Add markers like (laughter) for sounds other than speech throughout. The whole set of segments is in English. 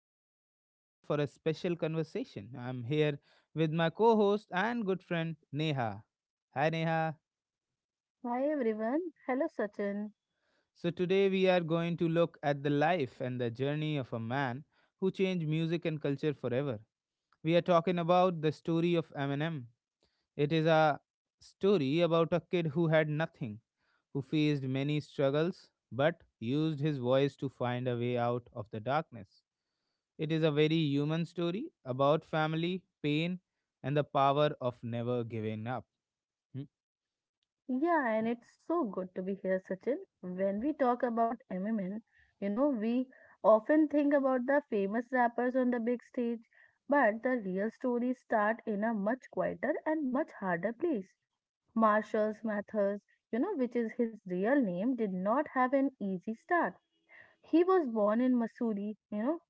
could join us today for a special conversation. I'm here with my co-host and good friend Neha. Hi, Neha. Hi everyone. Hello Sachin. So today we are going to look at the life and the journey of a man who changed music and culture forever. We are talking about the story of Eminem. It is a story about a kid who had nothing who faced many struggles but used his voice to find a way out of the darkness. It is a very human story about family, pain, and the power of never giving up. Hmm, Yeah, and it's so good to be here, Sachin. When we talk about MMN, we often think about the famous rappers on the big stage, but the real stories start in a much quieter and much harder place. Marshall's Mathers, which is his real name, did not have an easy start. He was born in Missouri, you know,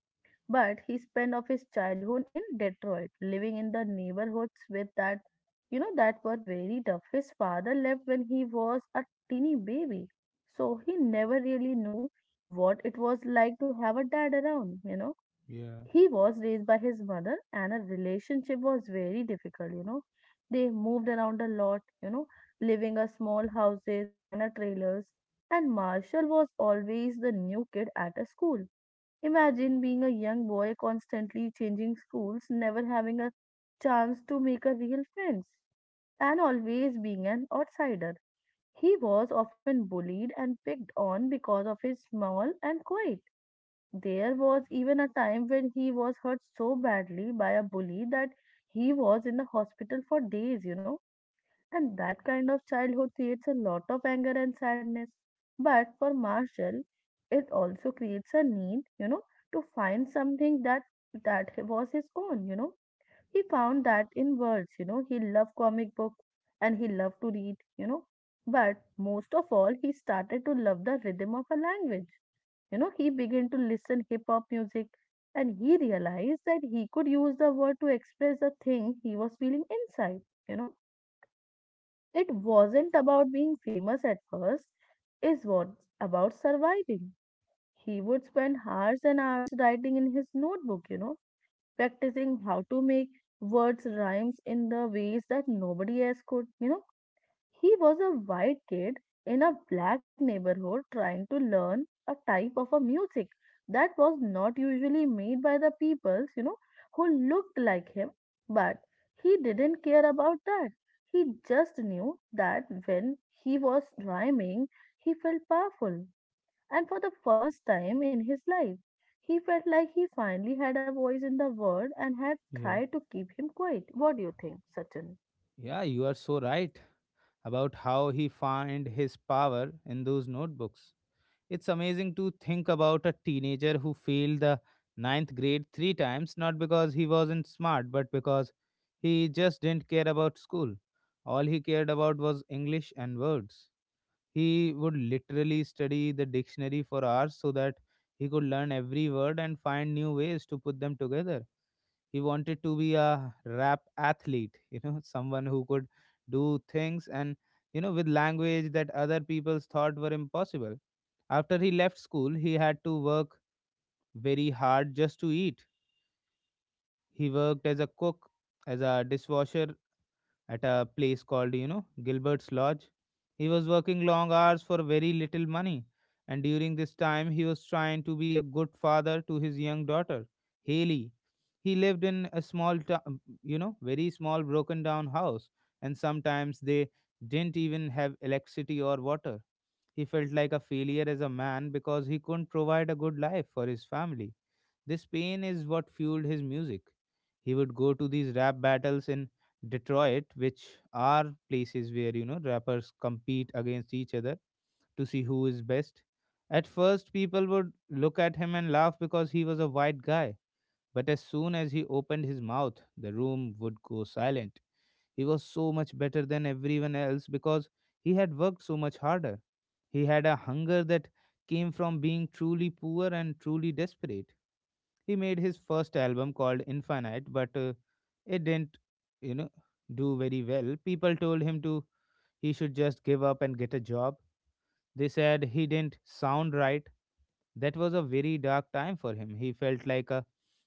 But he spent of his childhood in Detroit, living in the neighborhoods with that, that were very tough. His father left when he was a teeny baby, so he never really knew what it was like to have a dad around. Yeah, He was raised by his mother, and a relationship was very difficult. They moved around a lot, living a small houses and a trailers. And Marshall was always the new kid at a school. Imagine being a young boy constantly changing schools, never having a chance to make a real friends, and always being an outsider. He was often bullied and picked on because of his small and quiet. There was even a time when he was hurt so badly by a bully that he was in the hospital for days. And that kind of childhood creates a lot of anger and sadness. But for Marshall, it also creates a need, to find something that was his own. He found that in words, he loved comic books and he loved to read. But most of all, he started to love the rhythm of a language. He began to listen hip hop music and he realized that he could use the word to express the thing he was feeling inside, you know it wasn't about being famous at first, it was about surviving. He would spend hours and hours writing in his notebook, practicing how to make words rhymes in the ways that nobody else could. He was a white kid in a black neighborhood trying to learn a type of a music that was not usually made by the peoples, who looked like him. But he didn't care about that. He just knew that when he was rhyming, he felt powerful. And for the first time in his life, he felt like he finally had a voice in the world and had yeah. tried to keep him quiet. What do you think, Sachin? Yeah, you are so right about how he found his power in those notebooks. It's amazing to think about a teenager who failed the ninth grade three times, not because he wasn't smart, but because he just didn't care about school. All he cared about was English and words. He would literally study the dictionary for hours so that he could learn every word and find new ways to put them together. He wanted to be a rap athlete, you know, (laughs) someone who could do things and, you know, with language that other people thought were impossible after he left school, he had to work very hard just to eat. He worked as a cook, as a dishwasher at a place called, you know, Gilbert's Lodge. He was working long hours for very little money. And during this time, he was trying to be a good father to his young daughter, Haley. He lived in a small, you know, very small broken down house. And sometimes they didn't even have electricity or water. He felt like a failure as a man because he couldn't provide a good life for his family. This pain is what fueled his music. He would go to these rap battles in Detroit, which are places where, you know, rappers compete against each other to see who is best. At first, people would look at him and laugh because he was a white guy. But as soon as he opened his mouth, the room would go silent. He was so much better than everyone else because he had worked so much harder. He had a hunger that came from being truly poor and truly desperate. He made his first album called Infinite, but it didn't, you know, do very well. People told him to he should just give up and get a job. They said he didn't sound right. That was a very dark time for him. He felt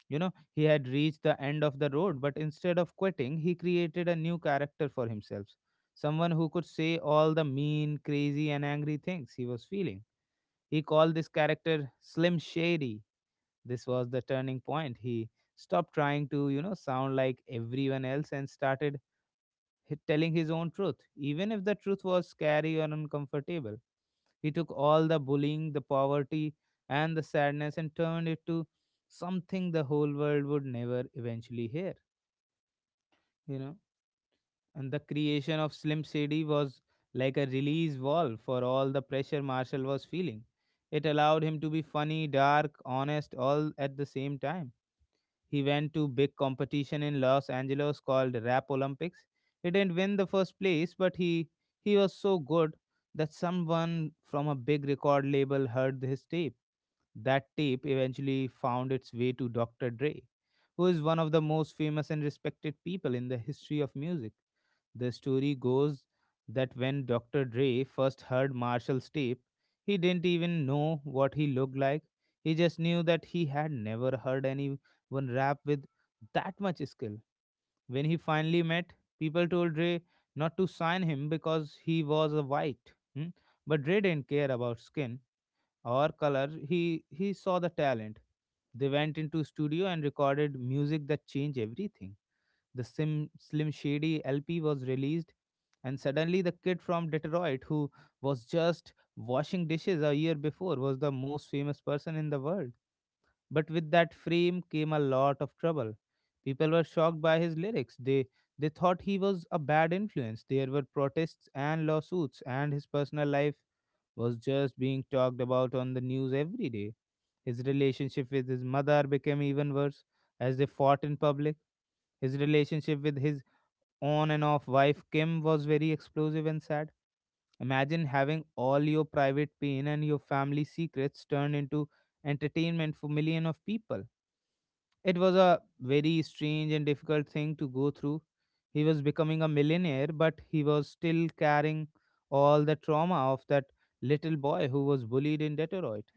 you know, he had reached the end of the road, but instead of quitting, he created a new character for himself. Someone who could say all the mean, crazy, and angry things he was feeling. He called this character Slim Shady. This was the turning point. He stopped trying to, you know, sound like everyone else and started telling his own truth, even if the truth was scary or uncomfortable. He took all the bullying, the poverty, and the sadness and turned it to something the whole world would never eventually hear, you know. And the creation of Slim Shady was like a release valve for all the pressure Marshall was feeling. It allowed him to be funny, dark, honest, all at the same time. He went to big competition in Los Angeles called Rap Olympics. He didn't win the first place, but he was so good that someone from a big record label heard his tape. That tape eventually found its way to Dr. Dre, who is one of the most famous and respected people in the history of music. The story goes that when Dr. Dre first heard Marshall's tape, he didn't even know what he looked like. He just knew that he had never heard anyone one rap with that much skill. When he finally met, people told Ray not to sign him because he was a white. Hmm. But Ray didn't care about skin or color. He saw the talent. They went into studio and recorded music that changed everything. The Slim Shady LP was released, and suddenly the kid from Detroit who was just washing dishes a year before was the most famous person in the world. But with that frame came a lot of trouble. People were shocked by his lyrics. They thought he was a bad influence. There were protests and lawsuits, and his personal life was just being talked about on the news every day. His relationship with his mother became even worse as they fought in public. His relationship with his on and off wife Kim was very explosive and sad. Imagine having all your private pain and your family secrets turned into entertainment for millions of people. It was a very strange and difficult thing to go through. He was becoming a millionaire, but he was still carrying all the trauma of that little boy who was bullied in Detroit.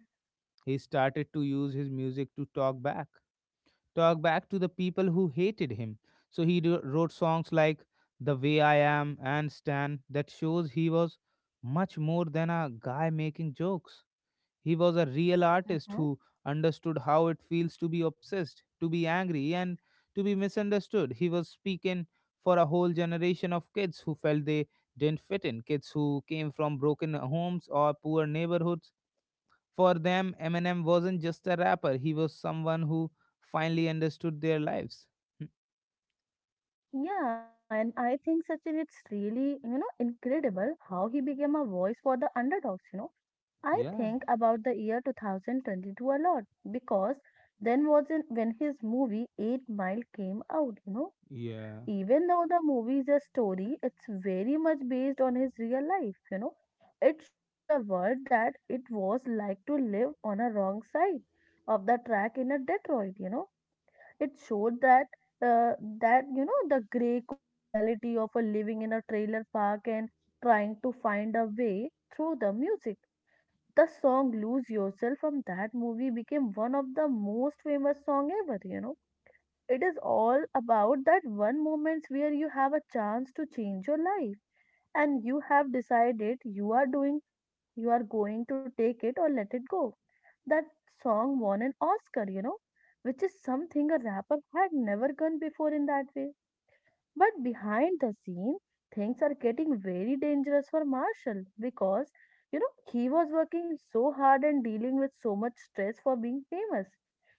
He started to use his music to talk back to the people who hated him. So he wrote songs like The Way I Am and Stan that shows he was much more than a guy making jokes. He was a real artist who understood how it feels to be obsessed, to be angry, and to be misunderstood. He was speaking for a whole generation of kids who felt they didn't fit in, kids who came from broken homes or poor neighborhoods. For them, Eminem wasn't just a rapper, he was someone who finally understood their lives. Hmm. Yeah, and I think Sachin, it's really, incredible how he became a voice for the underdogs. I Yeah, think about the year 2022 a lot because then wasn't when his movie 8 Mile came out, yeah, Even though the movie is a story, it's very much based on his real life, It shows the world that it was like to live on a wrong side of the track in a Detroit. It showed that uh, the gray cold reality of a living in a trailer park and trying to find a way through the music. The song "Lose Yourself" from that movie became one of the most famous song ever. It is all about that one moment where you have a chance to change your life and you have decided you are doing, you are going to take it or let it go that Song won an oscar, which is something a rapper had never done before in that way. But behind the scene, things are getting very dangerous for marshall because he was working so hard and dealing with so much stress for being famous.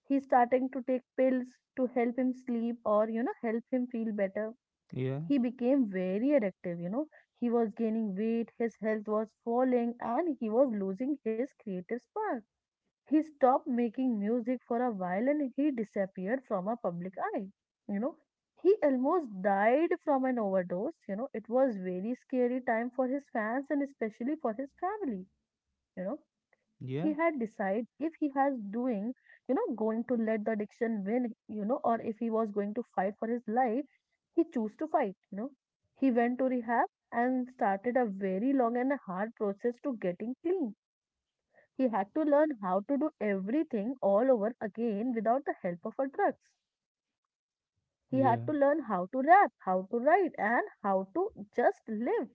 He's starting to take pills to help him sleep or help him feel better. yeah, He became very addictive, He was gaining weight, his health was falling, and he was losing his creative spark. He stopped making music for a while and he disappeared from our public eye. You know, he almost died from an overdose. It was very scary time for his fans and especially for his family. He had yeah, decided if he has doing going to let the addiction win, or if he was going to fight for his life. He chose to fight. He went to rehab and started a very long and hard process to getting clean. He had to learn how to do everything all over again without the help of a drugs. He had yeah, to learn how to rap, how to write, and how to just live.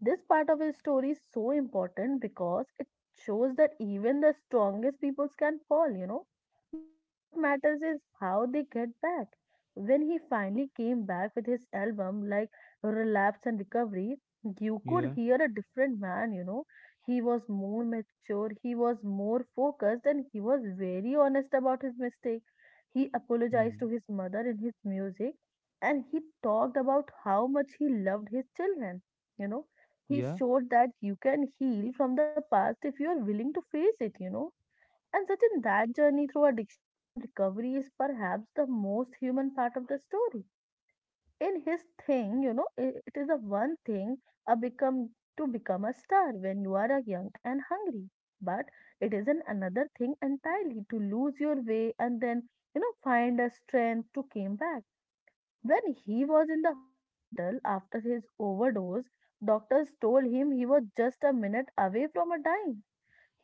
This part of his story is so important because it shows that even the strongest peoples can fall, But what matters is how they get back. When he finally came back with his album, like Relapse and Recovery, you yeah, could hear a different man, He was more mature, he was more focused, and he was very honest about his mistake. He apologized to hmm. his mother in his music and he talked about how much he loved his children, you know he yeah, showed that you can heal from the past if you are willing to face it, And Sachin, that journey through addiction and recovery is perhaps the most human part of the story. In his thing, it is the one thing a become to become a star when you are a young and hungry. But it is an another thing entirely to lose your way and then, find a strength to came back. When he was in the hospital after his overdose, doctors told him he was just a minute away from a dying.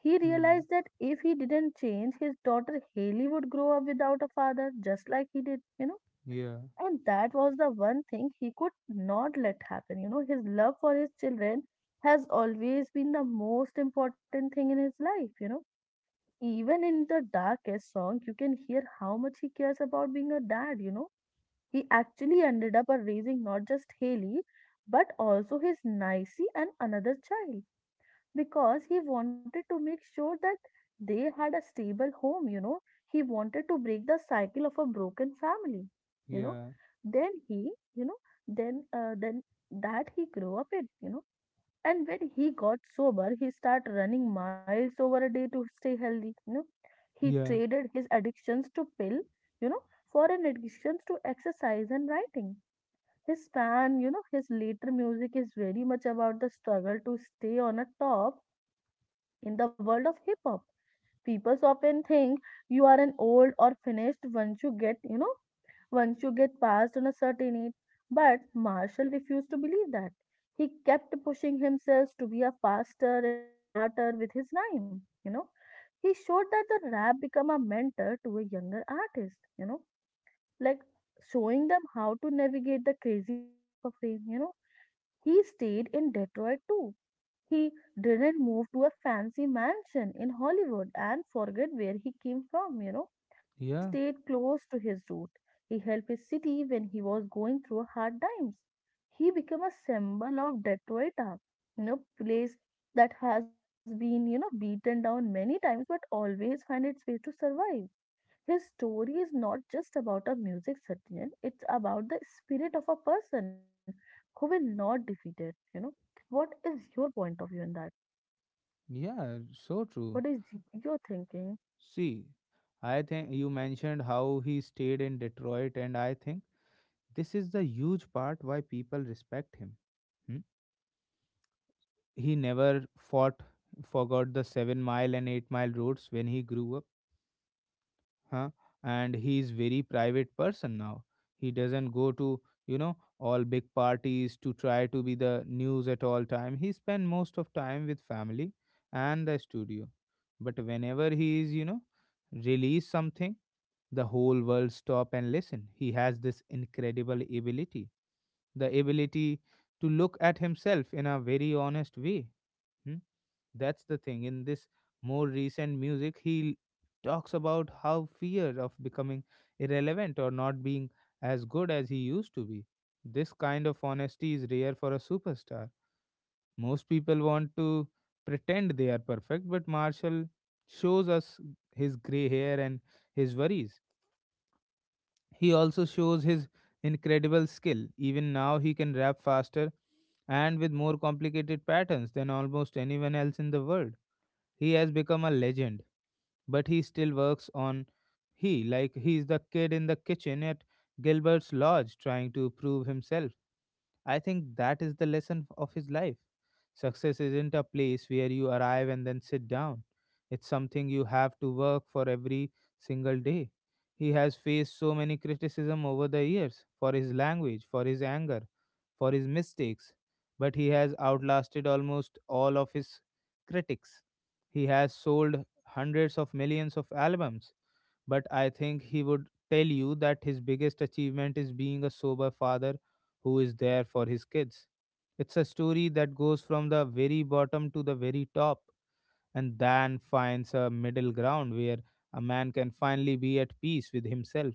He hmm. realized that if he didn't change, his daughter Haley would grow up without a father, just like he did, yeah, And that was the one thing he could not let happen. His love for his children has always been the most important thing in his life, Even in the darkest song, you can hear how much he cares about being a dad. He actually ended up raising not just Haley, but also his Nicey and another child because he wanted to make sure that they had a stable home, He wanted to break the cycle of a broken family, you know. yeah, Then he, you know, then that he grew up in, And when he got sober, he started running miles over a day to stay healthy. He yeah. traded his addictions to pill, you know, for an addictions to exercise and writing. His fan, his later music is very much about the struggle to stay on a top in the world of hip hop. People often think you are an old or finished once you get past on a certain age. But Marshall refused to believe that. He kept pushing himself to be a faster and smarter with his rhyme, He showed that the rap become a mentor to a younger artist, like showing them how to navigate the crazy world of a frame, He stayed in Detroit too. He didn't move to a fancy mansion in Hollywood and forget where he came from, he Yeah. stayed close to his root. He helped his city when he was going through hard times. He became a symbol of Detroita, place that has been, beaten down many times but always find its way to survive. His story is not just about a music Satyan, it's about the spirit of a person who will not defeat it, What is your point of view in that? Yeah, so true. What is your thinking? See, I think you mentioned how he stayed in Detroit, and I think this is the huge part why people respect him. hmm? He never forgot the seven mile and eight-mile roads when he grew up, huh? And he is very private person now. He doesn't go to, you know, all big parties to try to be the news at all time. He spend most of time with family and the studio. But whenever he is, you know, release something, the whole world stop and listen. He has this incredible ability to look at himself in a very honest way. hmm? That's the thing. In this more recent music, he talks about how fear of becoming irrelevant or not being as good as he used to be. This kind of honesty is rare for a superstar. Most people want to pretend they are perfect, but Marshall shows us his gray hair and his worries. He also shows his incredible skill. Even now, he can rap faster and with more complicated patterns than almost anyone else in the world. He has become a legend, but he still works on he like he's the kid in the kitchen at Gilbert's lodge trying to prove himself. I think that is the lesson of his life. Success isn't a place where you arrive and then sit down. It's something you have to work for every single day. He has faced so many criticism over the years for his language, for his anger, for his mistakes, but he has outlasted almost all of his critics. He has sold hundreds of millions of albums, but I think he would tell you that his biggest achievement is being a sober father who is there for his kids. It's a story that goes from the very bottom to the very top and then finds a middle ground where a man can finally be at peace with himself.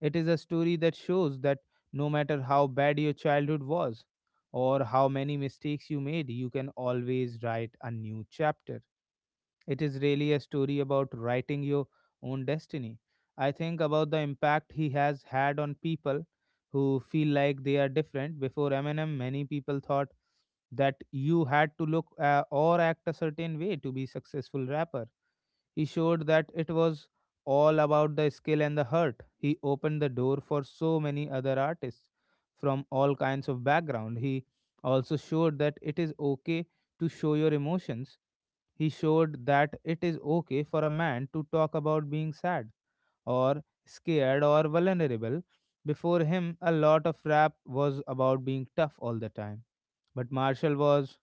It is a story that shows that no matter how bad your childhood was or how many mistakes you made, you can always write a new chapter. It is really a story about writing your own destiny. I think about the impact he has had on people who feel like they are different. Before Eminem, many people thought that you had to look or act a certain way to be successful rapper. He showed that it was all about the skill and the heart. He opened the door for so many other artists from all kinds of background. He also showed that it is okay to show your emotions. He showed that it is okay for a man to talk about being sad or scared or vulnerable. Before him, a lot of rap was about being tough all the time. But Marshall was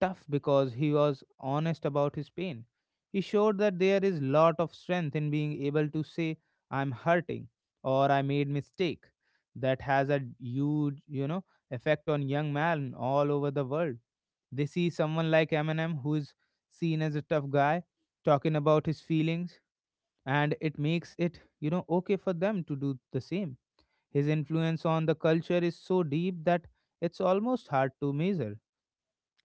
tough because he was honest about his pain. He showed that there is lot of strength in being able to say I'm hurting or I made mistake. That has a huge, you know, effect on young man all over the world. They see someone like Eminem who is seen as a tough guy talking about his feelings, and it makes it okay for them to do the same. His influence on the culture is so deep that it's almost hard to measure.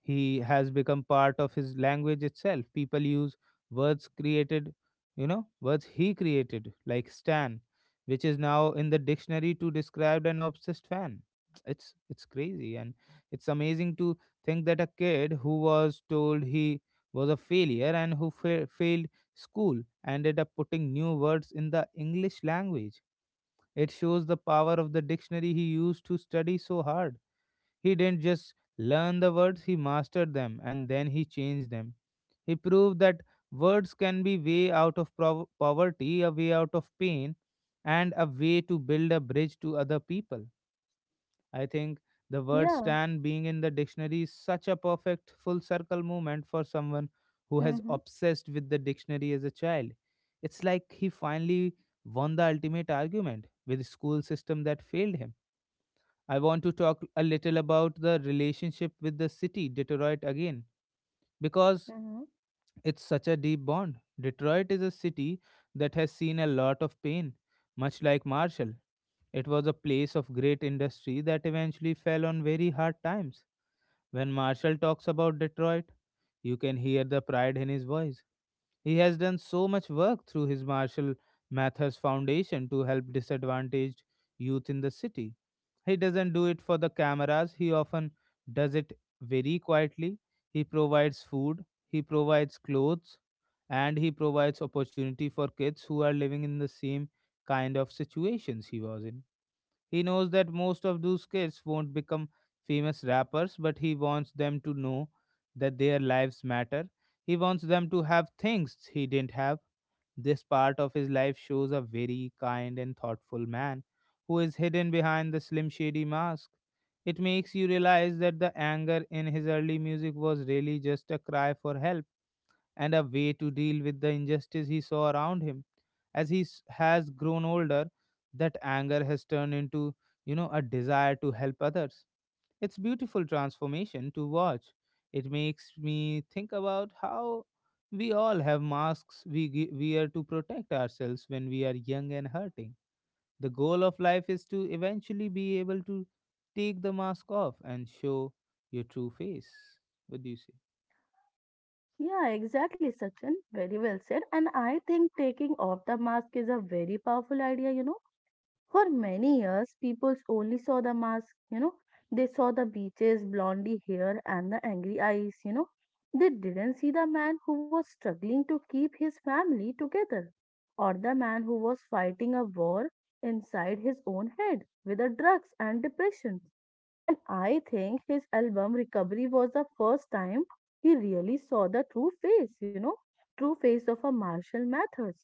He has become part of his language itself. People use words created words he created like Stan, which is now in the dictionary to describe an obsessed fan. (tsk) It's crazy, and it's amazing to think that a kid who was told he was a failure and who failed school ended up putting new words in the English language. It shows the power of the dictionary. He used to study so hard. He didn't just learn the words, he mastered them and then he changed them. He proved that words can be way out of poverty, a way out of pain, and a way to build a bridge to other people. I think the word Yeah. stand being in the dictionary is such a perfect full circle moment for someone who has obsessed with the dictionary as a child. It's like he finally won the ultimate argument with a school system that failed him. I want to talk a little about the relationship with the city, Detroit, again, because Mm-hmm. it's such a deep bond. Detroit is a city that has seen a lot of pain, much like Marshall. It was a place of great industry that eventually fell on very hard times. When Marshall talks about Detroit, you can hear the pride in his voice. He has done so much work through his Marshall Mathers Foundation to help disadvantaged youth in the city. He doesn't do it for the cameras, he often does it very quietly. He provides food, he provides clothes, and he provides opportunity for kids who are living in the same kind of situations he was in. He knows that most of those kids won't become famous rappers, but he wants them to know that their lives matter. He wants them to have things he didn't have. This part of his life shows a very kind and thoughtful man who is hidden behind the Slim Shady mask. It makes you realize that the anger in his early music was really just a cry for help and a way to deal with the injustice he saw around him. As he has grown older, that anger has turned into, you know, a desire to help others. It's beautiful transformation to watch. It makes me think about how we all have masks we wear to protect ourselves when we are young and hurting. The goal of life is to eventually be able to take the mask off and show your true face. What do you say? Yeah, exactly, Sachin. Very well said. And I think taking off the mask is a very powerful idea, For many years, people only saw the mask, They saw the beaches, blondie hair, and the angry eyes, They didn't see the man who was struggling to keep his family together, or the man who was fighting a war inside his own head with the drugs and depression. And I think his album Recovery was the first time he really saw the true face, true face of a martial methods.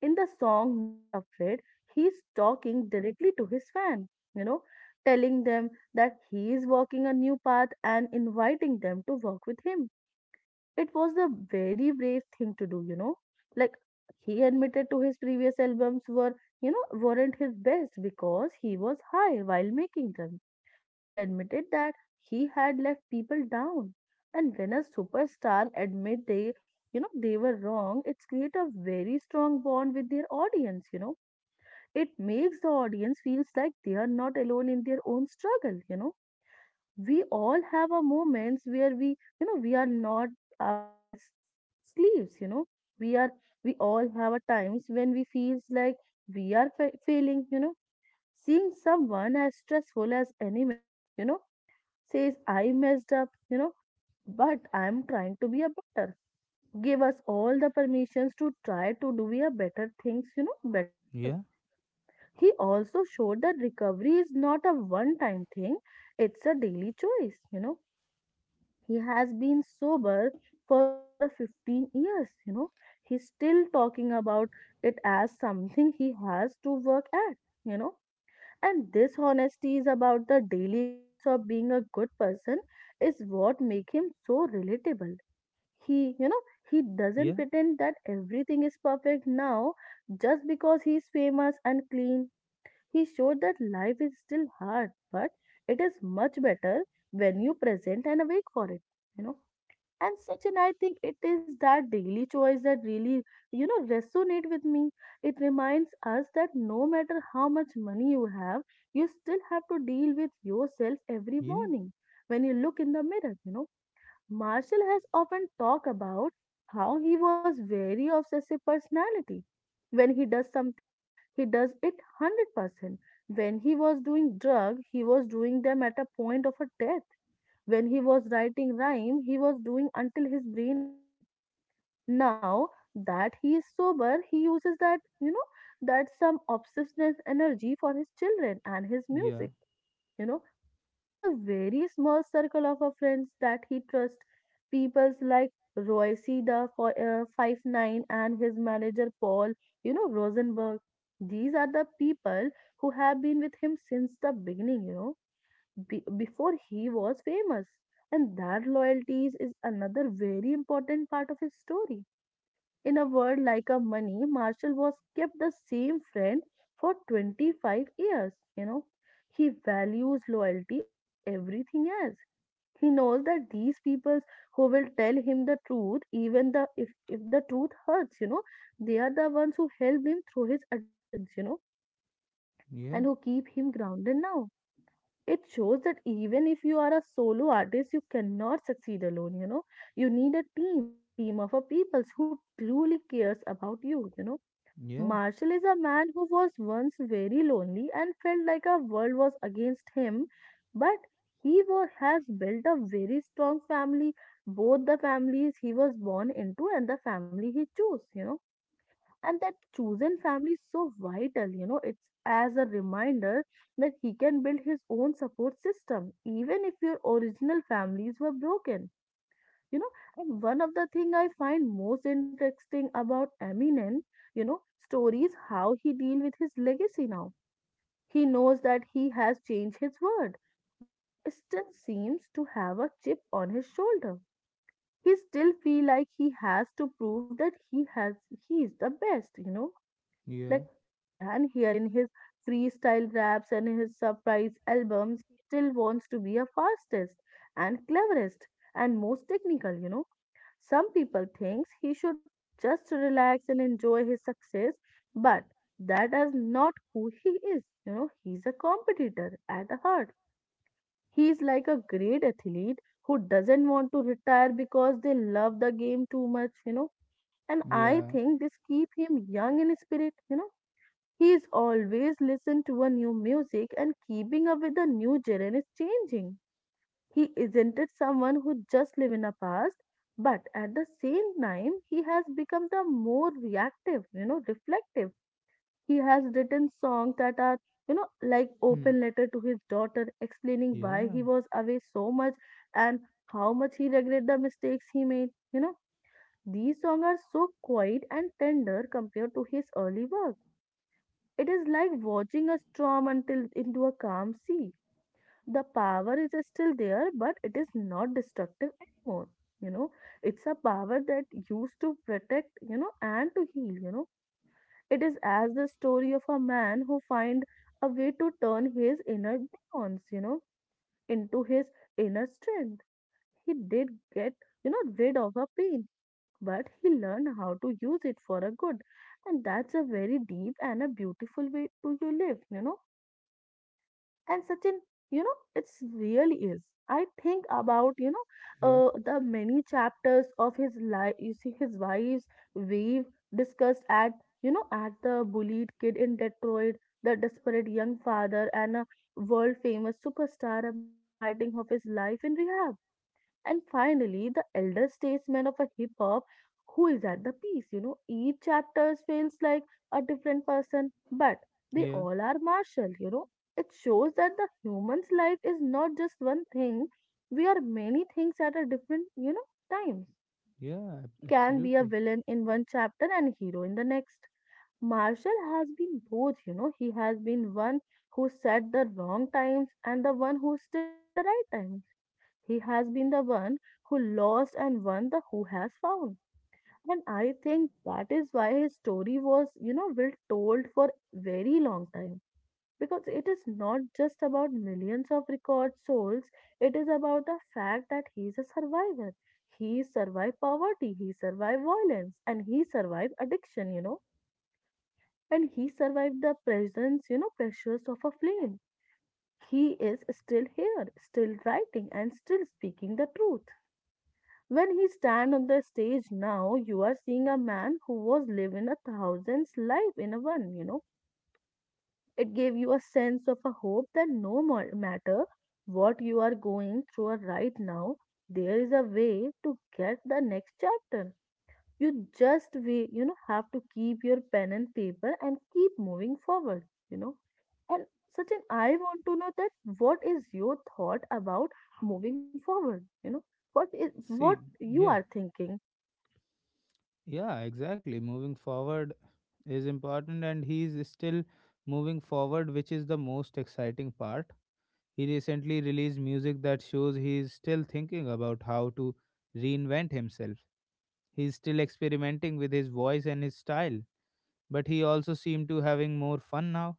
In the song Not Afraid, he's talking directly to his fan, you know, telling them that he is walking a new path and inviting them to walk with him. It was a very brave thing to do, Like he admitted to his previous albums were, weren't his best because he was high while making them. He admitted that he had left people down. And when a superstar admit they were wrong, it's create a very strong bond with their audience. It makes the audience feels like they are not alone in their own struggle. We all have our moments where we are not our best sleeves. We are we all have our times when we feels like we are failing. Seeing someone as stressful as anyone, says, I messed up, but I'm trying to be a better. Give us all the permissions to try to do a better things, better too. Yeah, He also showed that recovery is not a one time thing, it's a daily choice. He has been sober for over 15 years. He's still talking about it as something he has to work at, you know and this honesty is about the daily grins of being a good person is what make him so relatable. He, you know, he doesn't yeah, pretend that everything is perfect now just because he's famous and clean. He showed that life is still hard, but it is much better when you present and awake for it. You know, and such and I think it is that daily choice that really resonate with me. It reminds us that no matter how much money you have you still have to deal with yourself every yeah, morning when you look in the mirror. Marshall has often talked about how he was very obsessive personality when he does something he does it 100% when he was doing drug he was doing them at a point of a 10 when he was writing rhyme, he was doing until his brain hurt. Now that he is sober, he uses that some obsessive energy for his children and his yeah. music. You know, he was a very small circle of a friends that he trust. Peoples like Roy C. the 5'9" and his manager Paul Rosenberg. These are the people who have been with him since the beginning, before he was famous. And that loyalties is another very important part of his story. In a world like a money, Marshall was kept the same friend for 25 years. You know, he values loyalty over everything else. He knows that these people who will tell him the truth, even the if the truth hurts, they are the ones who helped him through his addictions, Yeah, and who keep him grounded now. It shows that even if you are a solo artist, you cannot succeed alone, you know. You need a team of a peoples who truly cares about you, you know. yeah, Marshall is a man who was once very lonely and felt like a world was against him, but has built a very strong family, both the families he was born into and the family he chose, and that chosen family is so vital. It's as a reminder that he can build his own support system even if your original families were broken you know and one of the thing I find most interesting about Eminem you know story is how he deal with his legacy now. He knows that he has changed his word but still seems to have a chip on his shoulder. He still feel like he has to prove that he is the best. yeah, Like you can hear in his freestyle raps and his surprise albums, he still wants to be a fastest and cleverest and most technical. Some people thinks he should just relax and enjoy his success, but that is not who he is. He's a competitor at the heart. He is like a great athlete who doesn't want to retire because they love the game too much. And I yeah, think this keep him young in spirit. He is always listening to a new music and keeping up with the new genre is changing. He isn't it someone who just live in a past, but at the same time he has become the more reflective. He has written songs that are, like hmm, open letter to his daughter explaining why yeah, he was away so much and how much he regret the mistakes he made. These songs are so quiet and tender compared to his early work. It is like watching a storm until into a calm sea. The power is still there, but it is not destructive anymore. You know, it's a power that used to protect, and to heal. It is as the story of a man who find a way to turn his inner demons, into his inner strength. He did get, rid of a pain, but he learned how to use it for a good. And that's a very deep and a beautiful way to you live. And such an it's really is. I think about yeah, the many chapters of his life you see his wife's wave discussed at you know at the bullied kid in Detroit, the desperate young father and a world famous superstar, a man fighting of his life in rehab, and finally, the elder statesman of a hip hop who is at the peace. Each chapter feels like a different person, but they yeah, all are Martial. It shows that the human's life is not just one thing. We are many things at a different, times. yeah, We can be a absolutely. villain in one chapter and hero in the next. Marshall has been both. He has been one who said the wrong times and the one who stood for the right time. He has been the one who lost and won the who has found. And I think that is why his story was, well told for very long time. Because it is not just about millions of record souls, it is about the fact that he is a survivor. He survived poverty, he survived violence, and he survived addiction. And he survived the pressures of a flame. He is still here, still writing, and still speaking the truth. When he stand on the stage now, you are seeing a man who was living a thousand's life in a one. It gave you a sense of a hope that no more matter what you are going through right now, there is a way to get the next chapter. You just way, have to keep your pen and paper and keep moving forward, you know. And Sachin, I want to know that what is your thought about moving forward? What See, you yeah, are thinking? yeah, exactly. Moving forward is important, and he's still moving forward, which is the most exciting part. He recently released music that shows he's still thinking about how to reinvent himself. He's still experimenting with his voice and his style, but he also seemed to having more fun now.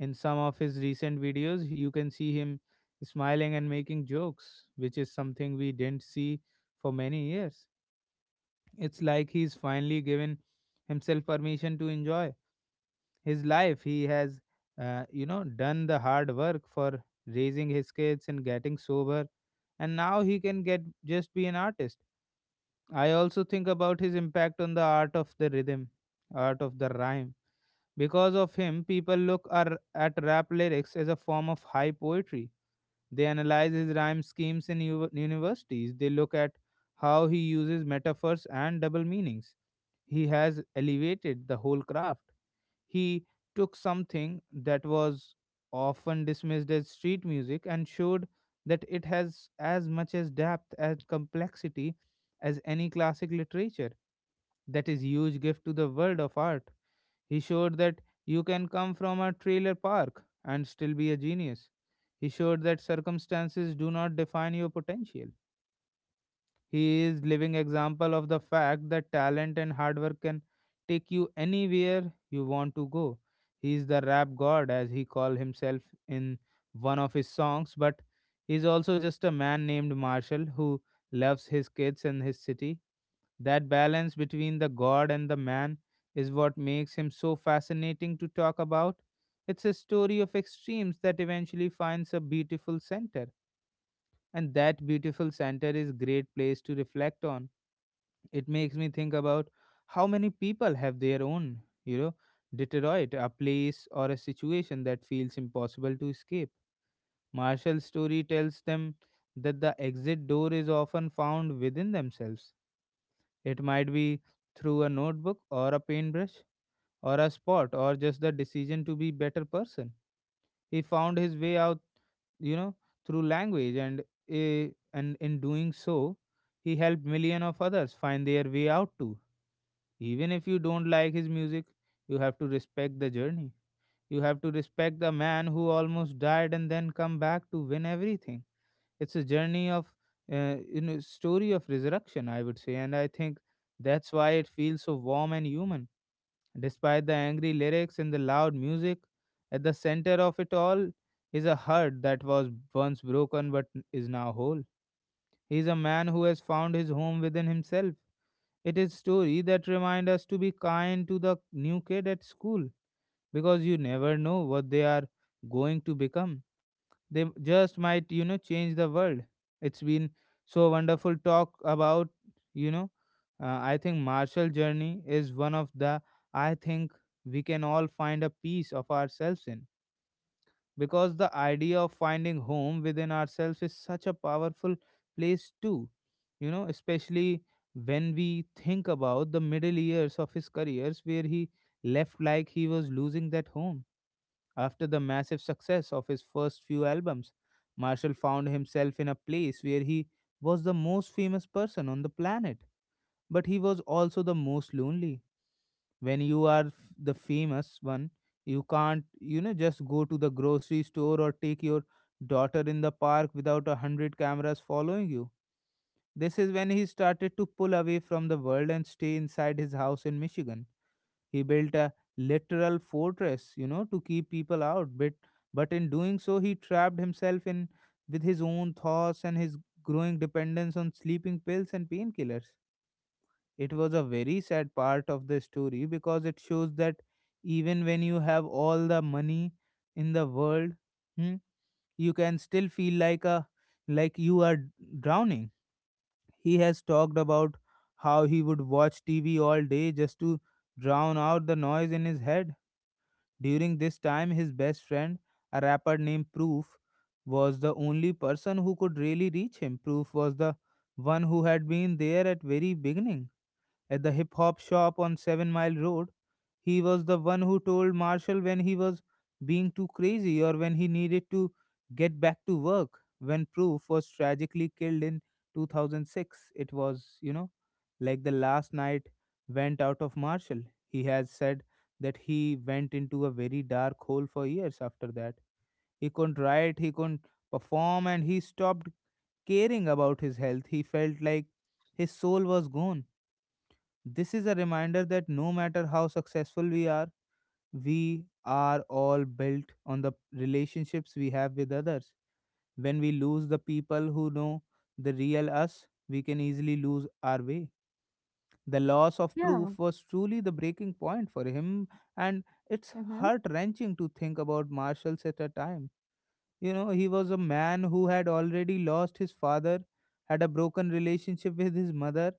In some of his recent videos, you can see him smiling and making jokes, which is something we didn't see for many years. It's like he's finally given himself permission to enjoy his life. He has, you know, done the hard work for raising his kids and getting sober, and now he can get just be an artist. I also think about his impact on the art of the rhythm, art of the rhyme, because of him, people look at rap lyrics as a form of high poetry. They analyze his rhyme schemes in universities. They look at how he uses metaphors and double meanings. He has elevated the whole craft. He took something that was often dismissed as street music and showed that it has as much as depth and complexity as any classic literature. That is huge gift to the world of art. He showed that you can come from a trailer park and still be a genius. He showed that circumstances do not define your potential. He is living example of the fact that talent and hard work can take you anywhere you want to go. He is the rap god, as he called himself in one of his songs, but he is also just a man named Marshall who loves his kids and his city. That balance between the god and the man is what makes him so fascinating to talk about. It's a story of extremes that eventually finds a beautiful center. And that beautiful center is a great place to reflect on. It makes me think about how many people have their own, you know, Detroit, a place or a situation that feels impossible to escape. Marshall's story tells them that the exit door is often found within themselves. It might be through a notebook or a paintbrush or a spot, or just the decision to be better person. He found his way out, you know, through language and eh, and in doing so, he helped million of others find their way out too. Even if you don't like his music, you have to respect the journey. You have to respect the man who almost died and then come back to win everything. It's a journey of you know, story of resurrection, I would say, and I think that's why it feels so warm and human. Despite the angry lyrics and the loud music, at the center of it all is a heart that was once broken but is now whole. He is a man who has found his home within himself. It is story that remind us to be kind to the new kid at school, because you never know what they are going to become. They just might, you know, change the world. It's been so wonderful talk about, you know, I think martial journey is one of the, I think, we can all find a piece of ourselves in, because the idea of finding home within ourselves is such a powerful place too, you know, especially when we think about the middle years of his careers where he left like he was losing that home. After the massive success of his first few albums, Marshall found himself in a place where he was the most famous person on the planet, but he was also the most lonely. When you are the famous one, you can't, you know, just go to the grocery store or take your daughter in the park without 100 cameras following you. This is when he started to pull away from the world and stay inside his house in Michigan. He built a literal fortress, you know, to keep people out, but in doing so he trapped himself in with his own thoughts and his growing dependence on sleeping pills and painkillers. It was a very sad part of the story because it shows that even when you have all the money in the world, hmm, you can still feel like a like you are drowning. He has talked about how he would watch TV all day just to drown out the noise in his head. During this time, his best friend, a rapper named Proof, was the only person who could really reach him. Proof was the one who had been there at very beginning at the hip hop shop on Seven Mile Road. He was the one who told Marshall when he was being too crazy or when he needed to get back to work. When Proof was tragically killed in 2006, it was, you know, like the last night went out of Marshall. He has said that he went into a very dark hole for years after that. He couldn't write, he couldn't perform, and he stopped caring about his health. He felt like his soul was gone. This is a reminder that no matter how successful we are all built on the relationships we have with others. When we lose the people who know the real us, we can easily lose our way. The loss of Yeah. Proof was truly the breaking point for him, and it's Mm-hmm. heart wrenching to think about Marshall's at a time. You know, he was a man who had already lost his father, had a broken relationship with his mother,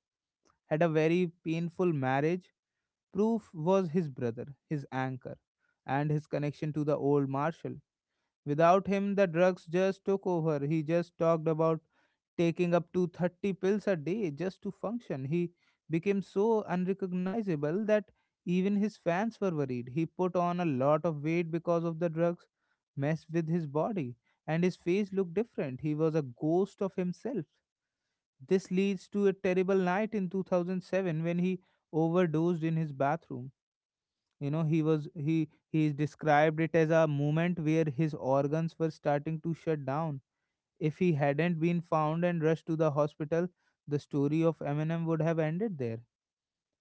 had a very painful marriage. Proof was his brother, his anchor, and his connection to the old Marshal. Without him, the drugs just took over. He just talked about taking up to 30 pills a day just to function. He became so unrecognizable that even his fans were worried. He put on a lot of weight because of the drugs, messed with his body, and his face looked different. He was a ghost of himself. This leads to a terrible night in 2007 when he overdosed in his bathroom. You know, he was he described it as a moment where his organs were starting to shut down. If he hadn't been found and rushed to the hospital, the story of Eminem would have ended there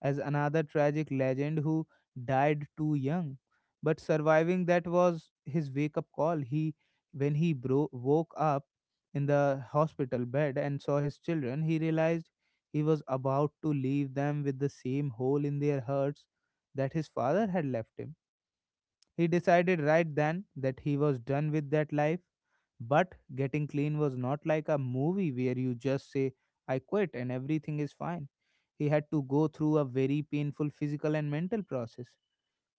as another tragic legend who died too young. But surviving that was his wake up call. When he woke up in the hospital bed and saw his children, he realized he was about to leave them with the same hole in their hearts that his father had left him. He decided right then that he was done with that life, but getting clean was not like a movie where you just say, "I quit and everything is fine." He had to go through a very painful physical and mental process.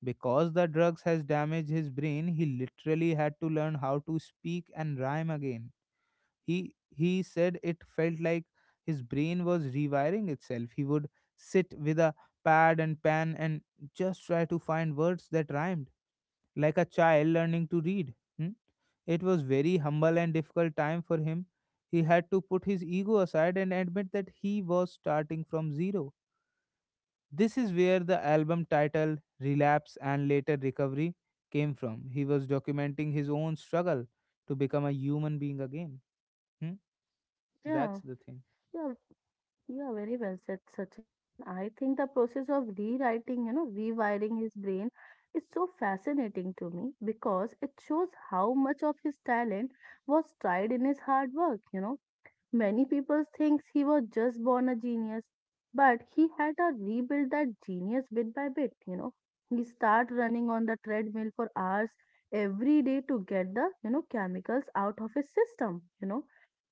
Because the drugs has damaged his brain, he literally had to learn how to speak and rhyme again. He said it felt like his brain was rewiring itself. He would sit with a pad and pen and just try to find words that rhymed like a child learning to read. Hmm. It was very humble and difficult time for him. He had to put his ego aside and admit that he was starting from zero. This is where the album title Relapse and later Recovery came from. He was documenting his own struggle to become a human being again. Hmm? That's Yeah, the thing. yeah, yeah, very well said, Sachin. And I think the process of rewiring his brain is so fascinating to me because it shows how much of his talent was tried in his hard work. Many people think he was just born a genius, but he had to rebuild that genius bit by bit. He started running on the treadmill for hours every day to get the chemicals out of his system,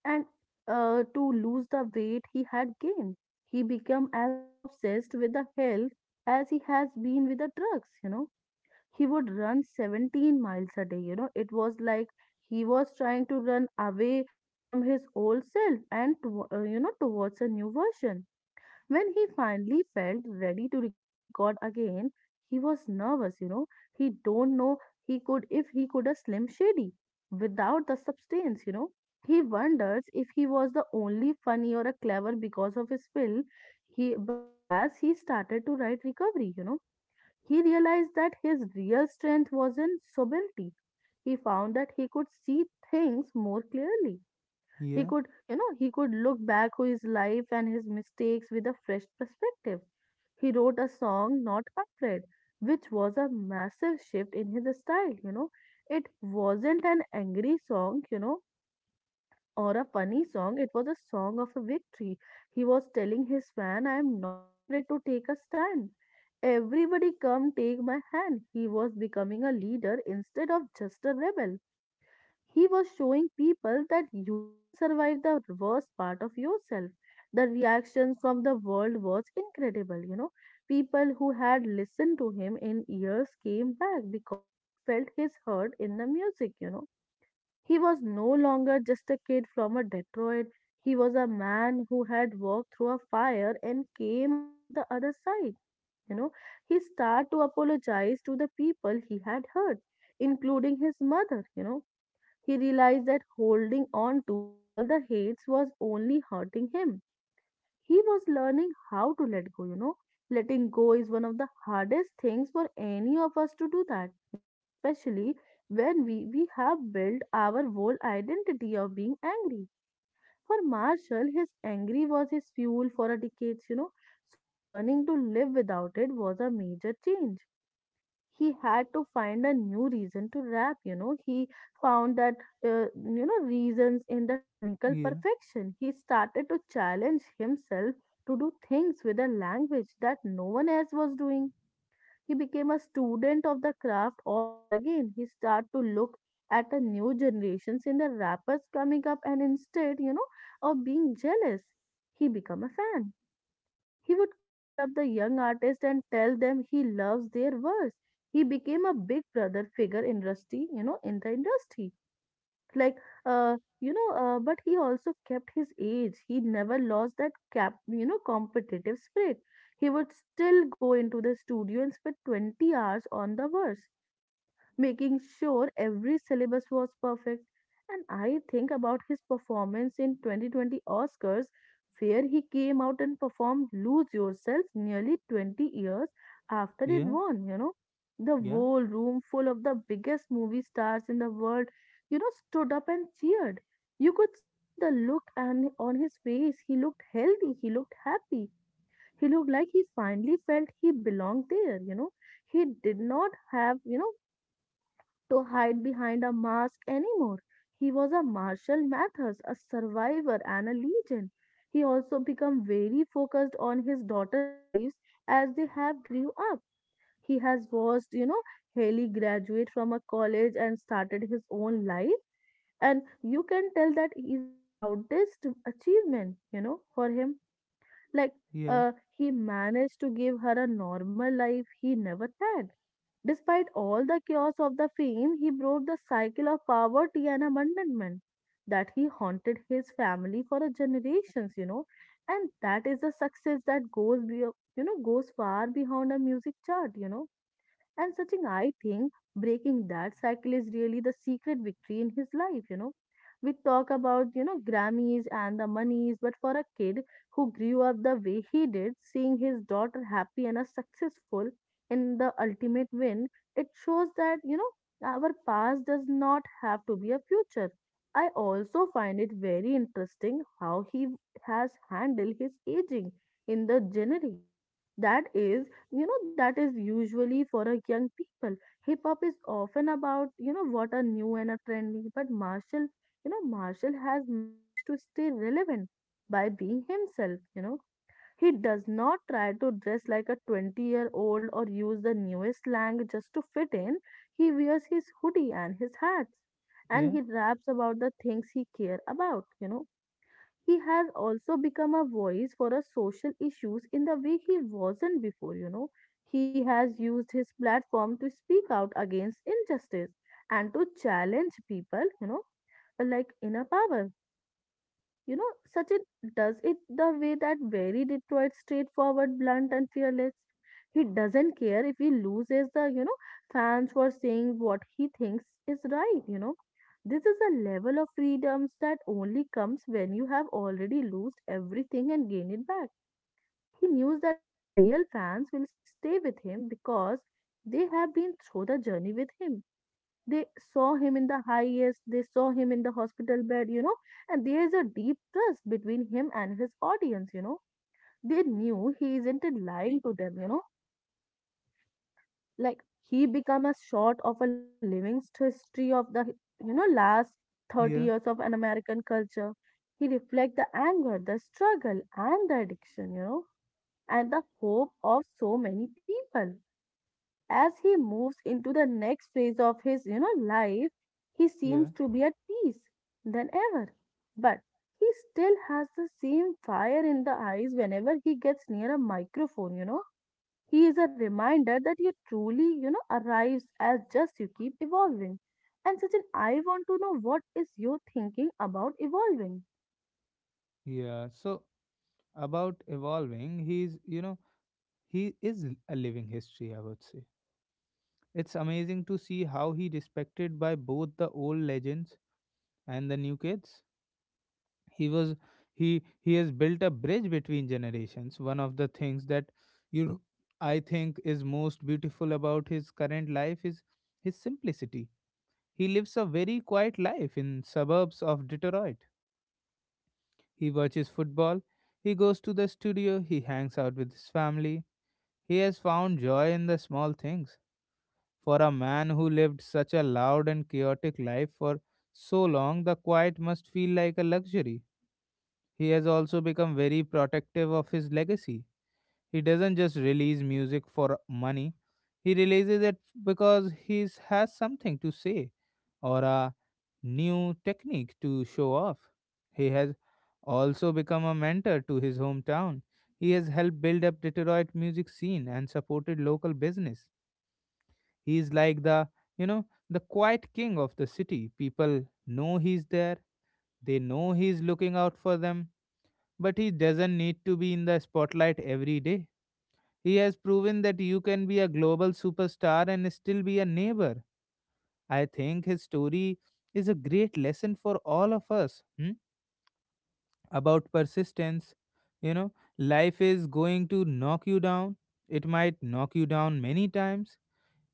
and to lose the weight he had gained. He became as obsessed with the health as he has been with the drugs. He would run 17 miles a day. It was like he was trying to run away from his old self and, towards a new version. When he finally felt ready to record again, he was nervous. He don't know he could if he could a Slim Shady without the substance. He wonders if he was the only funny or a clever because of his will. He But as he started to write recovery, he realized that his real strength was in sobriety. He found that he could see things more clearly. He Yeah, could, you know, he could look back on his life and his mistakes with a fresh perspective. He wrote a song, Not Afraid, which was a massive shift in his style. It wasn't an angry song, or a funny song, it was a song of a victory. He was telling his fan, I am not afraid to take a stand. Everybody come take my hand. He was becoming a leader instead of just a rebel. He was showing people that you can survive the worst part of yourself. The reaction from the world was incredible. People who had listened to him in years came back because they felt his hurt in the music. He was no longer just a kid from a Detroit. He was a man who had walked through a fire and came out of the other side. You know, he started to apologize to the people he had hurt, including his mother. He realized that holding on to all the hates was only hurting him. He was learning how to let go, Letting go is one of the hardest things for any of us to do that, you know, especially when we have built our whole identity of being angry. For Marshall, his angry was his fuel for a decades, you know. So learning to live without it was a major change. He had to find a new reason to rap, you know. He found that uh, you know reasons in the technical yeah, perfection. He started to challenge himself to do things with a language that no one else was doing. He became a student of the craft all over again. He started to look at the new generations in the rappers coming up, and instead, you know, of being jealous, he become a fan. He would call up the young artists and tell them he loves their verse. He became a big brother figure industry, you know, in the industry. Like, but he also kept his age. He never lost that cap, you know, competitive spirit. He would still go into the studio and spend 20 hours on the verse, making sure every syllabus was perfect. And I think about his performance in 2020 Oscars, where he came out and performed Lose Yourself nearly 20 years after it yeah, won, you know. The yeah, whole room full of the biggest movie stars in the world, you know, stood up and cheered. You could see the look and on his face. He looked healthy, he looked happy. He looked like he finally felt he belonged there, you know, he did not have, you know, to hide behind a mask anymore. He was a martial Mathers, a survivor, and a legend. He also became very focused on his daughter's lives as they have grew up. He has watched, you know, Haley graduate from a college and started his own life. And you can tell that is the proudest achievement, you know, for him. Like yeah, uh, he managed to give her a normal life he never had. Despite all the chaos of the fame, he broke the cycle of poverty and abandonment that he haunted his family for a generations, you know. And that is the success that you know goes far beyond a music chart, you know. And Sachin, I think breaking that cycle is really the secret victory in his life, you know. We talk about, you know, Grammys and the monies, but for a kid who grew up the way he did, seeing his daughter happy and a successful in the ultimate win, it shows that, you know, our past does not have to be a future. I also find it very interesting how he has handled his aging in the genre that is, you know, that is usually for a young people. Hip hop is often about, you know, what are new and are trendy, but Marshall, you know, Marshall has managed to stay relevant by being himself, you know. He does not try to dress like a 20-year-old or use the newest slang just to fit in. He wears his hoodie and his hats, and yeah, he raps about the things he care about, you know. He has also become a voice for our social issues in the way he wasn't before, you know. He has used his platform to speak out against injustice and to challenge people, you know, like inner power. You know, Sachin does it the way that very Detroit, straightforward, blunt, and fearless. He doesn't care if he loses the, you know, fans for saying what he thinks is right, you know. This is a level of freedoms that only comes when you have already lost everything and gained it back. He knows that his real fans will stay with him because they have been through the journey with him. They saw him in the highest, they saw him in the hospital bed, you know, and there's a deep trust between him and his audience, you know. They knew he isn't in lying to them, you know. Like he become a sort of a living history of the, you know, last 30 yeah, years of an American culture. He reflects the anger, the struggle, and the addiction, you know, and the hope of so many people as he moves into the next phase of his, you know, life. He yeah, seems to be at peace than ever, but he still has the same fire in the eyes whenever he gets near a microphone, you know. He is a reminder that you truly, you know, arrives as just you keep evolving. And such an, I want to know what is you thinking about evolving. yeah. So about evolving, he is a living history, I would say. It's amazing to see how he respected by both the old legends and the new kids. He was he has built a bridge between generations. One of the things that, you know, I think is most beautiful about his current life is his simplicity. He lives a very quiet life in suburbs of Detroit. He watches football, he goes to the studio, he hangs out with his family. He has found joy in the small things. For a man who lived such a loud and chaotic life for so long, the quiet must feel like a luxury. He has also become very protective of his legacy. He doesn't just release music for money, he releases it because he has something to say or a new technique to show off. He has also become a mentor to his hometown. He has helped build up Detroit music scene and supported local business. He is like the, you know, the quiet king of the city. People know he's there, they know he's looking out for them, but he doesn't need to be in the spotlight every day. He has proven that you can be a global superstar and still be a neighbor. I think his story is a great lesson for all of us, about persistence. You know, life is going to knock you down. It might knock you down many times.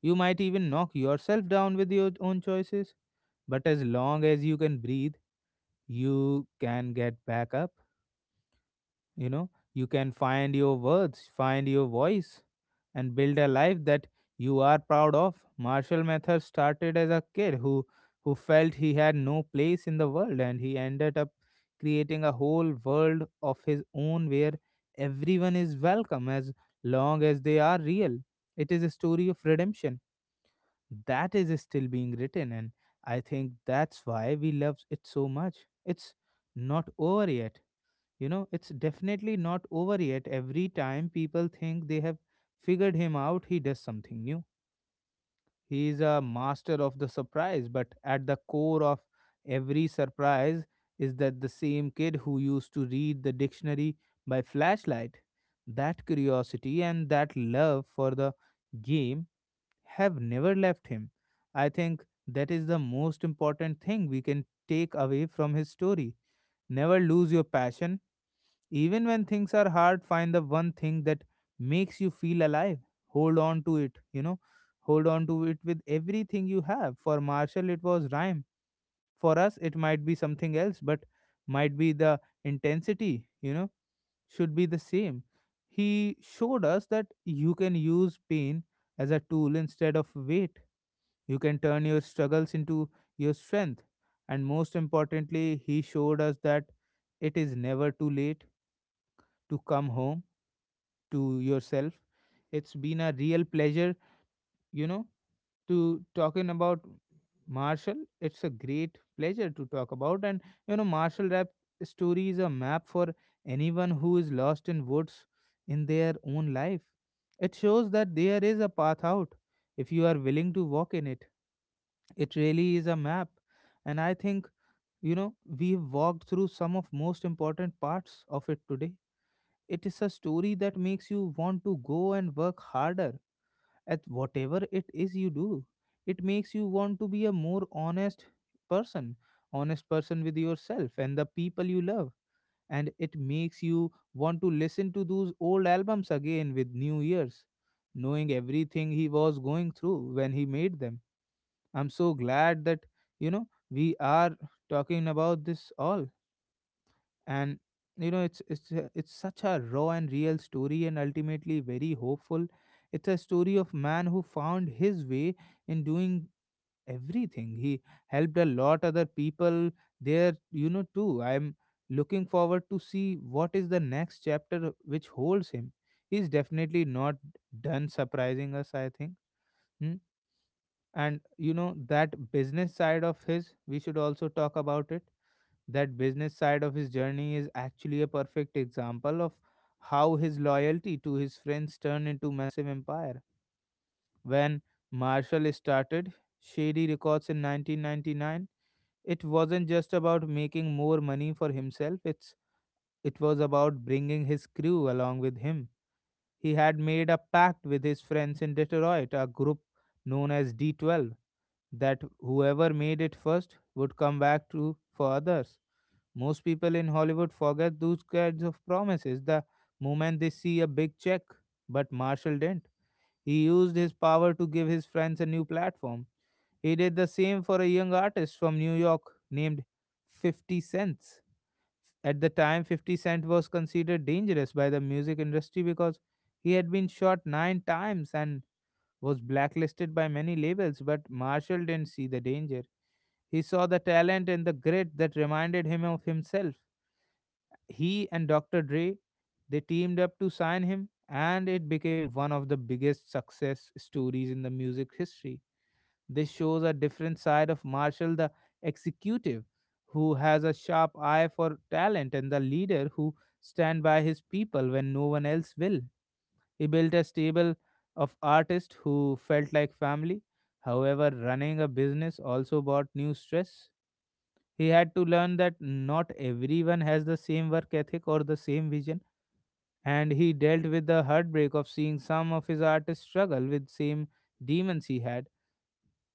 You might even knock yourself down with your own choices, but as long as you can breathe, you can get back up. You know, you can find your words, find your voice, and build a life that you are proud of. Marshall Mathers started as a kid who felt he had no place in the world, and he ended up creating a whole world of his own where everyone is welcome as long as they are real. It is a story of redemption that is still being written, and I think that's why we love it so much. It's not over yet. You know, it's definitely not over yet. Every time people think they have figured him out, he does something new. He is a master of the surprise, but at the core of every surprise is that the same kid who used to read the dictionary by flashlight, that curiosity and that love for the game have never left him. I think that is the most important thing we can take away from his story. Never lose your passion. Even when things are hard, find the one thing that makes you feel alive. Hold on to it, you know. Hold on to it with everything you have. For Marshall, it was rhyme. For us, it might be something else, but might be the intensity. You know, should be the same. He showed us that you can use pain as a tool instead of weight. You can turn your struggles into your strength, and most importantly, he showed us that it is never too late to come home to yourself. It's been a real pleasure, you know, to talking about Marshall. It's a great pleasure to talk about. And you know, Marshall Rap story is a map for anyone who is lost in woods in their own life. It shows that there is a path out if you are willing to walk in it. It really is a map. And I think, you know, we've walked through some of most important parts of it today. It is a story that makes you want to go and work harder at whatever it is you do. It makes you want to be a more honest person, honest person with yourself and the people you love, and it makes you want to listen to those old albums again with new ears, knowing everything he was going through when he made them. I'm so glad that, you know, we are talking about this all. And you know, it's such a raw and real story and ultimately very hopeful. It's a story of man who found his way in doing everything. He helped a lot other people there, you know, too. I'm looking forward to see what is the next chapter which holds him. He's definitely not done surprising us, I think. Hmm? And you know, that business side of his, we should also talk about it. That business side of his journey is actually a perfect example of how his loyalty to his friends turned into massive empire. When Marshall started Shady Records in 1999, it wasn't just about making more money for himself, it's it was about bringing his crew along with him. He had made a pact with his friends in Detroit, a group known as D12, that whoever made it first would come back to for others. Most people in Hollywood forget those kinds of promises the moment they see a big check, but Marshall didn't. He used his power to give his friends a new platform. He did the same for a young artist from New York named 50 Cents. At the time, 50 Cent was considered dangerous by the music industry because he had been shot nine times and was blacklisted by many labels, but Marshall didn't see the danger. He saw the talent and the grit that reminded him of himself. He and Dr. Dre, they teamed up to sign him, and it became one of the biggest success stories in the music history. This shows a different side of Marshall, the executive who has a sharp eye for talent and the leader who stand by his people when no one else will. He built a stable of artists who felt like family. However, running a business also brought new stress. He had to learn that not everyone has the same work ethic or the same vision, and he dealt with the heartbreak of seeing some of his artists struggle with same demons he had.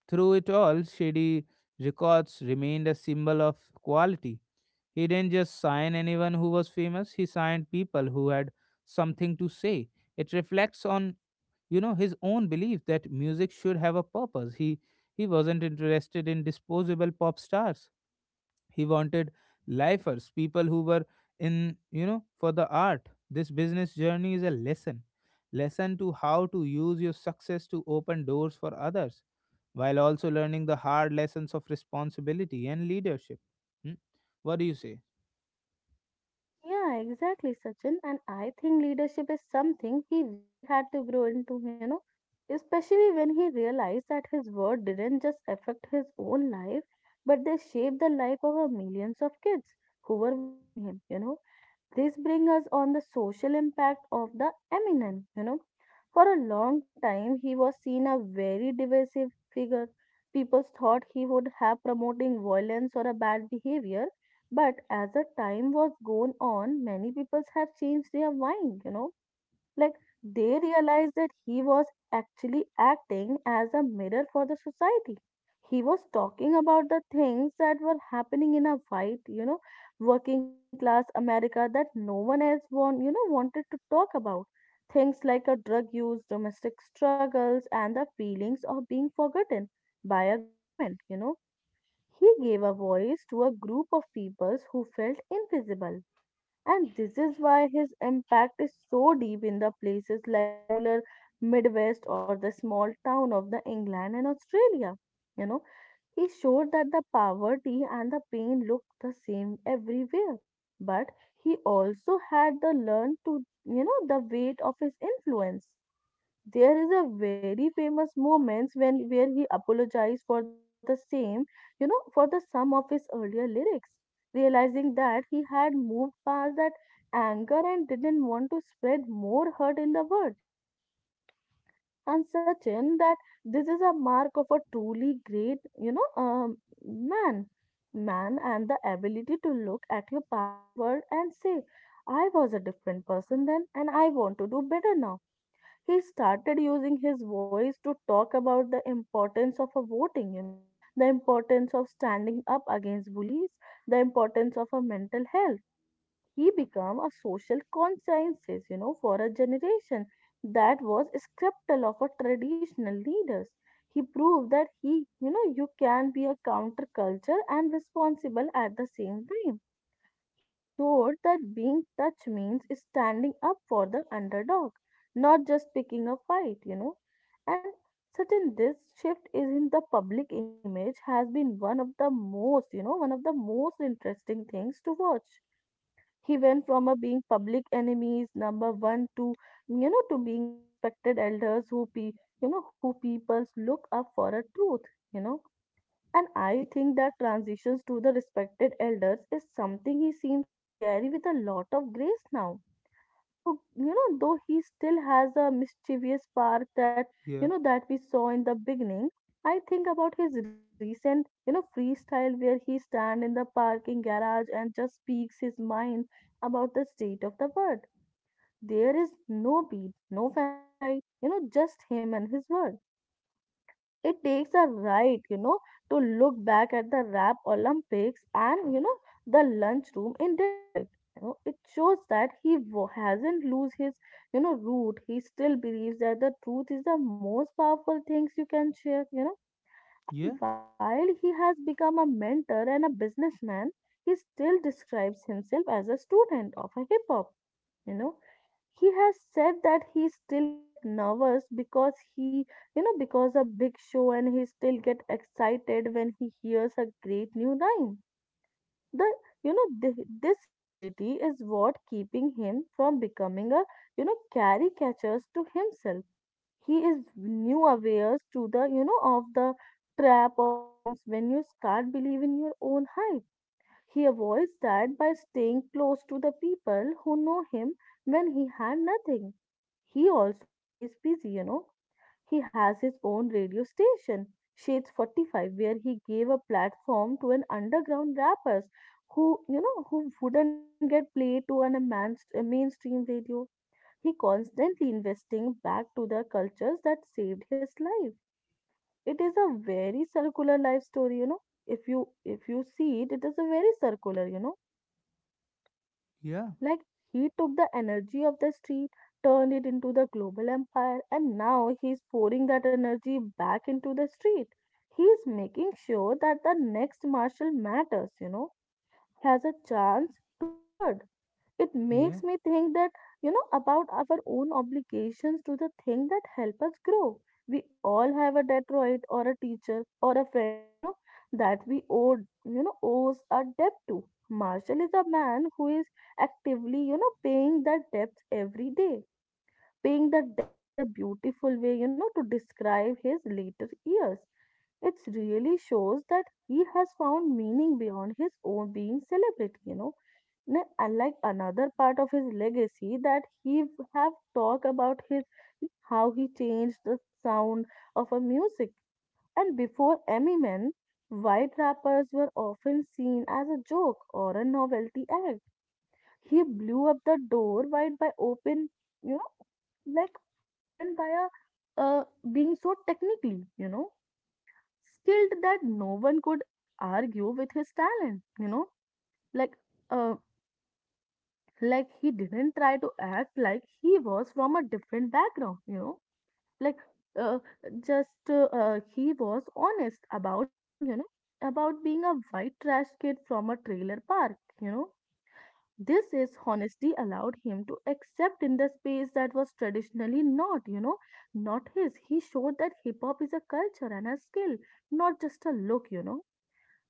Through it all, Shady Records remained a symbol of quality. He didn't just sign anyone who was famous, he signed people who had something to say. It reflects on, you know, his own belief that music should have a purpose. He wasn't interested in disposable pop stars. He wanted lifers, people who were in, you know, for the art. This business journey is a lesson. Lesson to how to use your success to open doors for others while also learning the hard lessons of responsibility and leadership. Hmm? What do you say? Yeah, exactly, Sachin. And I think leadership is something he really had to grow into, you know, especially when he realized that his word didn't just affect his own life, but they shaped the life of a millions of kids who were watching him, you know. This brings us on the social impact of the eminent. You know, for a long time he was seen a very divisive figure. People thought he would have promoting violence or a bad behavior, but as the time was gone on, many people have changed their mind. You know, like they realized that he was actually acting as a mirror for the society. He was talking about the things that were happening in a white, you know, working class America that no one else want, you know, wanted to talk about. Things like a drug use, domestic struggles, and the feelings of being forgotten by a government, you know. He gave a voice to a group of peoples who felt invisible, and this is why his impact is so deep in the places like rural Midwest or the small town of the England and Australia. You know, he showed that the poverty and the pain look the same everywhere. But he also had the learn to, you know, the weight of his influence. There is a very famous moments when where he apologized for the same, you know, for the sum of his earlier lyrics, realizing that he had moved past that anger and didn't want to spread more hurt in the world, you know. And Sachin, that this is a mark of a truly great, you know um, man. Man and the ability to look at your past world and say, I was a different person then and I want to do better now. He started using his voice to talk about the importance of a voting, you know, the importance of standing up against bullies, the importance of a mental health. He became a social consciences, you know, for a generation that was skeptical of a traditional leaders. He proved that he, you know, you can be a counterculture and responsible at the same time. He showed that being touch means standing up for the underdog, not just picking a fight, you know. And certain this shift is in the public image has been one of the most, you know, one of the most interesting things to watch. He went from a being public enemies number one to, you know, to being a respected elders you know who peoples look up for a truth, you know. And I think that transitions to the respected elders is something he seems to carry with a lot of grace now. So, you know, though he still has a mischievous part that, you Yeah. know, that we saw in the beginning, I think about his recent, you know, freestyle where he stand in the parking garage and just speaks his mind about the state of the world. There is no beat, no fancy light, you know, just him and his word. It takes a right, you know, to look back at the Rap Olympics and, you know, the lunchroom in Detroit. You know, it shows that hasn't lose his, you know, root. He still believes that the truth is the most powerful things you can share, you know. And Yeah. while he has become a mentor and a businessman, he still describes himself as a student of a hip hop. You know, he has said that he still gets nervous because he because of big show. And he still get excited when he hears a great new rhyme. The you know th- this humility is what keeping him from becoming a caricatures to himself. He is new aware to the of the trap of fames when you start believing your own hype. He avoids that by staying close to the people who know him when he had nothing. He also stays busy. He has his own radio station, Shades 45, where he gave a platform to an underground rappers who wouldn't get played to on a man's a mainstream radio. He constantly investing back to the cultures that saved his life. It is a very circular life story. If you see it, it is a very circular. Yeah. Like he took the energy of the street, turned it into the global empire, and now he's pouring that energy back into the street. He's making sure that the next Marshal matters, has a chance to be heard. It Yeah. makes me think that about our own obligations to the thing that help us grow. We all have a Detroit or a teacher or a friend that we owes a debt to. Marshall is a man who is actively paying that debt every day. Paying the debt is a beautiful way, to describe his later years. It really shows that he has found meaning beyond his own being celebrity. Unlike another part of his legacy that he have talked about his how he changed the sound of a music. And before Eminem, white rappers were often seen as a joke or a novelty act. He blew up the door wide by open, you know, like open by a uh, being so technically, skilled that no one could argue with his talent, like uh, like he didn't try to act like he was from a different background, like uh, just he was honest about being, about being a white trash kid from a trailer park, you know, This is honesty allowed him to accept in the space that was traditionally not, not his. He showed that hip hop is a culture and a skill, not just a look.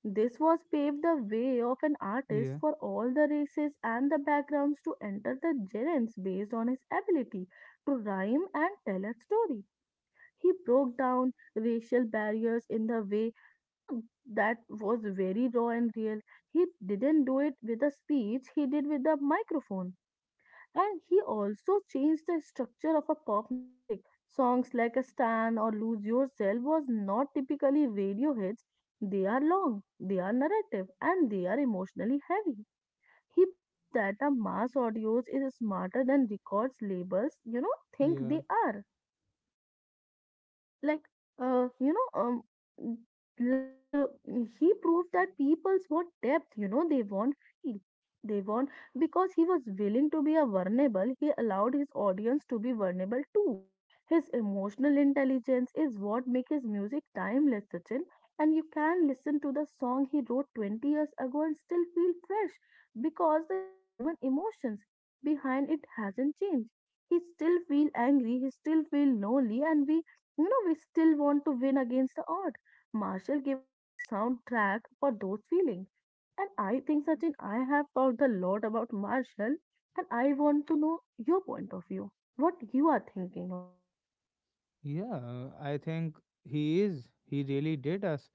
This was paved the way of an artist Yeah. for all the races and the backgrounds to enter the genres based on his ability to rhyme and tell a story. He broke down racial barriers in the way, you know, that was very raw and real. He didn't do it with a speech, he did with a microphone. And he also changed the structure of a pop music. Songs like a Stan or Lose Yourself was not typically radio hits. They are long, they are narrative, and they are emotionally heavy. He proved that a mass audience is smarter than records labels, think Yeah. they are like uh, you know um mm, like uh, he proved that people's want depth they want feel they want because he was willing to be a vulnerable he allowed his audience to be vulnerable too his emotional intelligence is what makes his music timeless, Sachin, and you can listen to the song he wrote 20 years ago and still feel fresh because the human emotions behind it hasn't changed. He still feel angry, he still feel lonely, and we still want to win against the odd. Marshall gave us a soundtrack for those feelings. And I think, Sachin, I have talked a lot about Marshall, and I want to know your point of view, what you are thinking about. Yeah, I think he is. He really did us,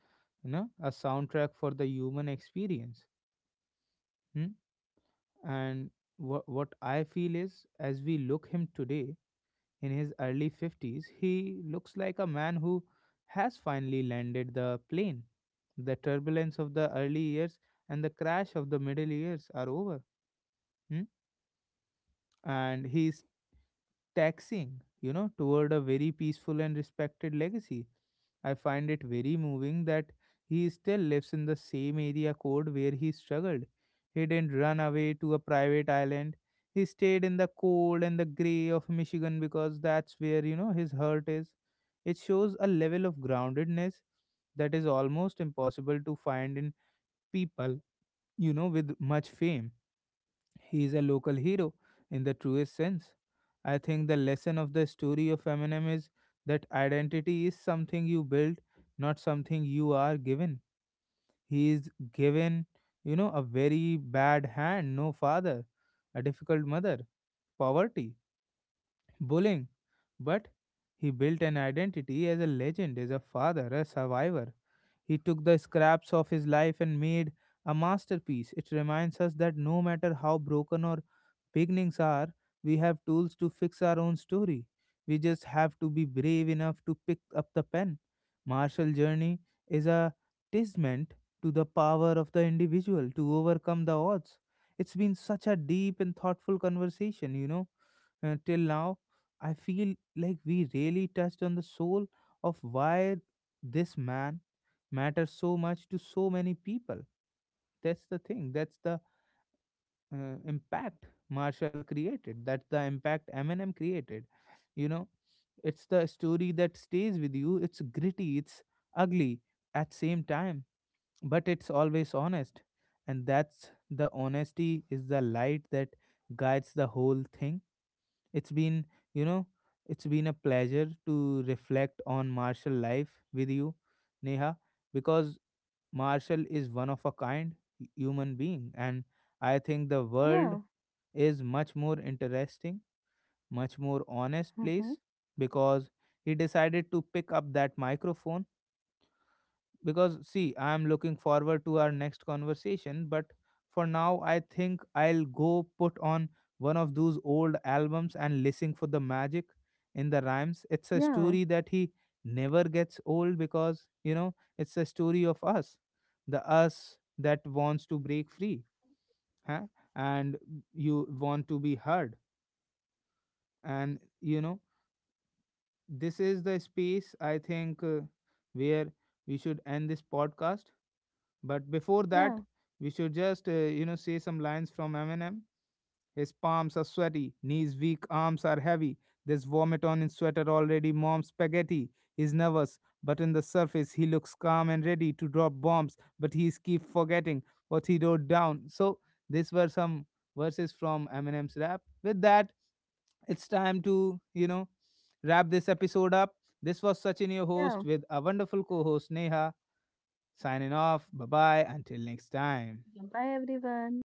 you know, a soundtrack for the human experience. Hmm? And what I feel is, as we look him today in his early 50s, he looks like a man who has finally landed the plane. The turbulence of the early years and the crash of the middle years are over. Hmm? And he's taxing, you know, toward a very peaceful and respected legacy. I find it very moving that he still lives in the same area code where he struggled. He didn't run away to a private island. He stayed in the cold and the gray of Michigan because that's where, you know, his heart is. It shows a level of groundedness that is almost impossible to find in people, you know, with much fame. He is a local hero in the truest sense. I think the lesson of the story of Eminem is that identity is something you build, not something you are given. He is given, you know, a very bad hand: no father, a difficult mother, poverty, bullying, but he built an identity as a legend, as a father, a survivor. He took the scraps of his life and made a masterpiece. It reminds us that no matter how broken our beginnings are, we have tools to fix our own story. We just have to be brave enough to pick up the pen. Martial journey is a testament to the power of the individual to overcome the odds. It's been such a deep and thoughtful conversation, you know. Till now, I feel like we really touched on the soul of why this man matters so much to so many people. That's the thing. That's the impact Marshall created. That's the impact Eminem created. You know, it's the story that stays with you. It's gritty, it's ugly at same time, but it's always honest. And that's the honesty is the light that guides the whole thing. It's been, you know, it's been a pleasure to reflect on martial life with you, Neha, because Marshall is one of a kind human being, and I think the world Yeah, is much more interesting, much more honest hmm, place because he decided to pick up that microphone. Because see, I am looking forward to our next conversation, but for now I think I'll go put on one of those old albums and listen for the magic in the rhymes. It's a yeah, story that he never gets old because, you know, it's a story of us, the us that wants to break free. Huh? And you want to be heard, and you know, this is the space, I think, where we should end this podcast. But before that, yeah, we should just you know, say some lines from Eminem. His palms are sweaty, knees weak, arms are heavy. There's vomit on his sweater already. Mom's spaghetti. He's nervous, but in the surface he looks calm and ready to drop bombs. But he's keep forgetting what he wrote down. So these were some verses from Eminem's rap. With that, it's time to, you know, wrap this episode up. This was Sachin, your yeah. host, with a wonderful co-host Neha. Signing off. Bye bye. Until next time. Bye, everyone.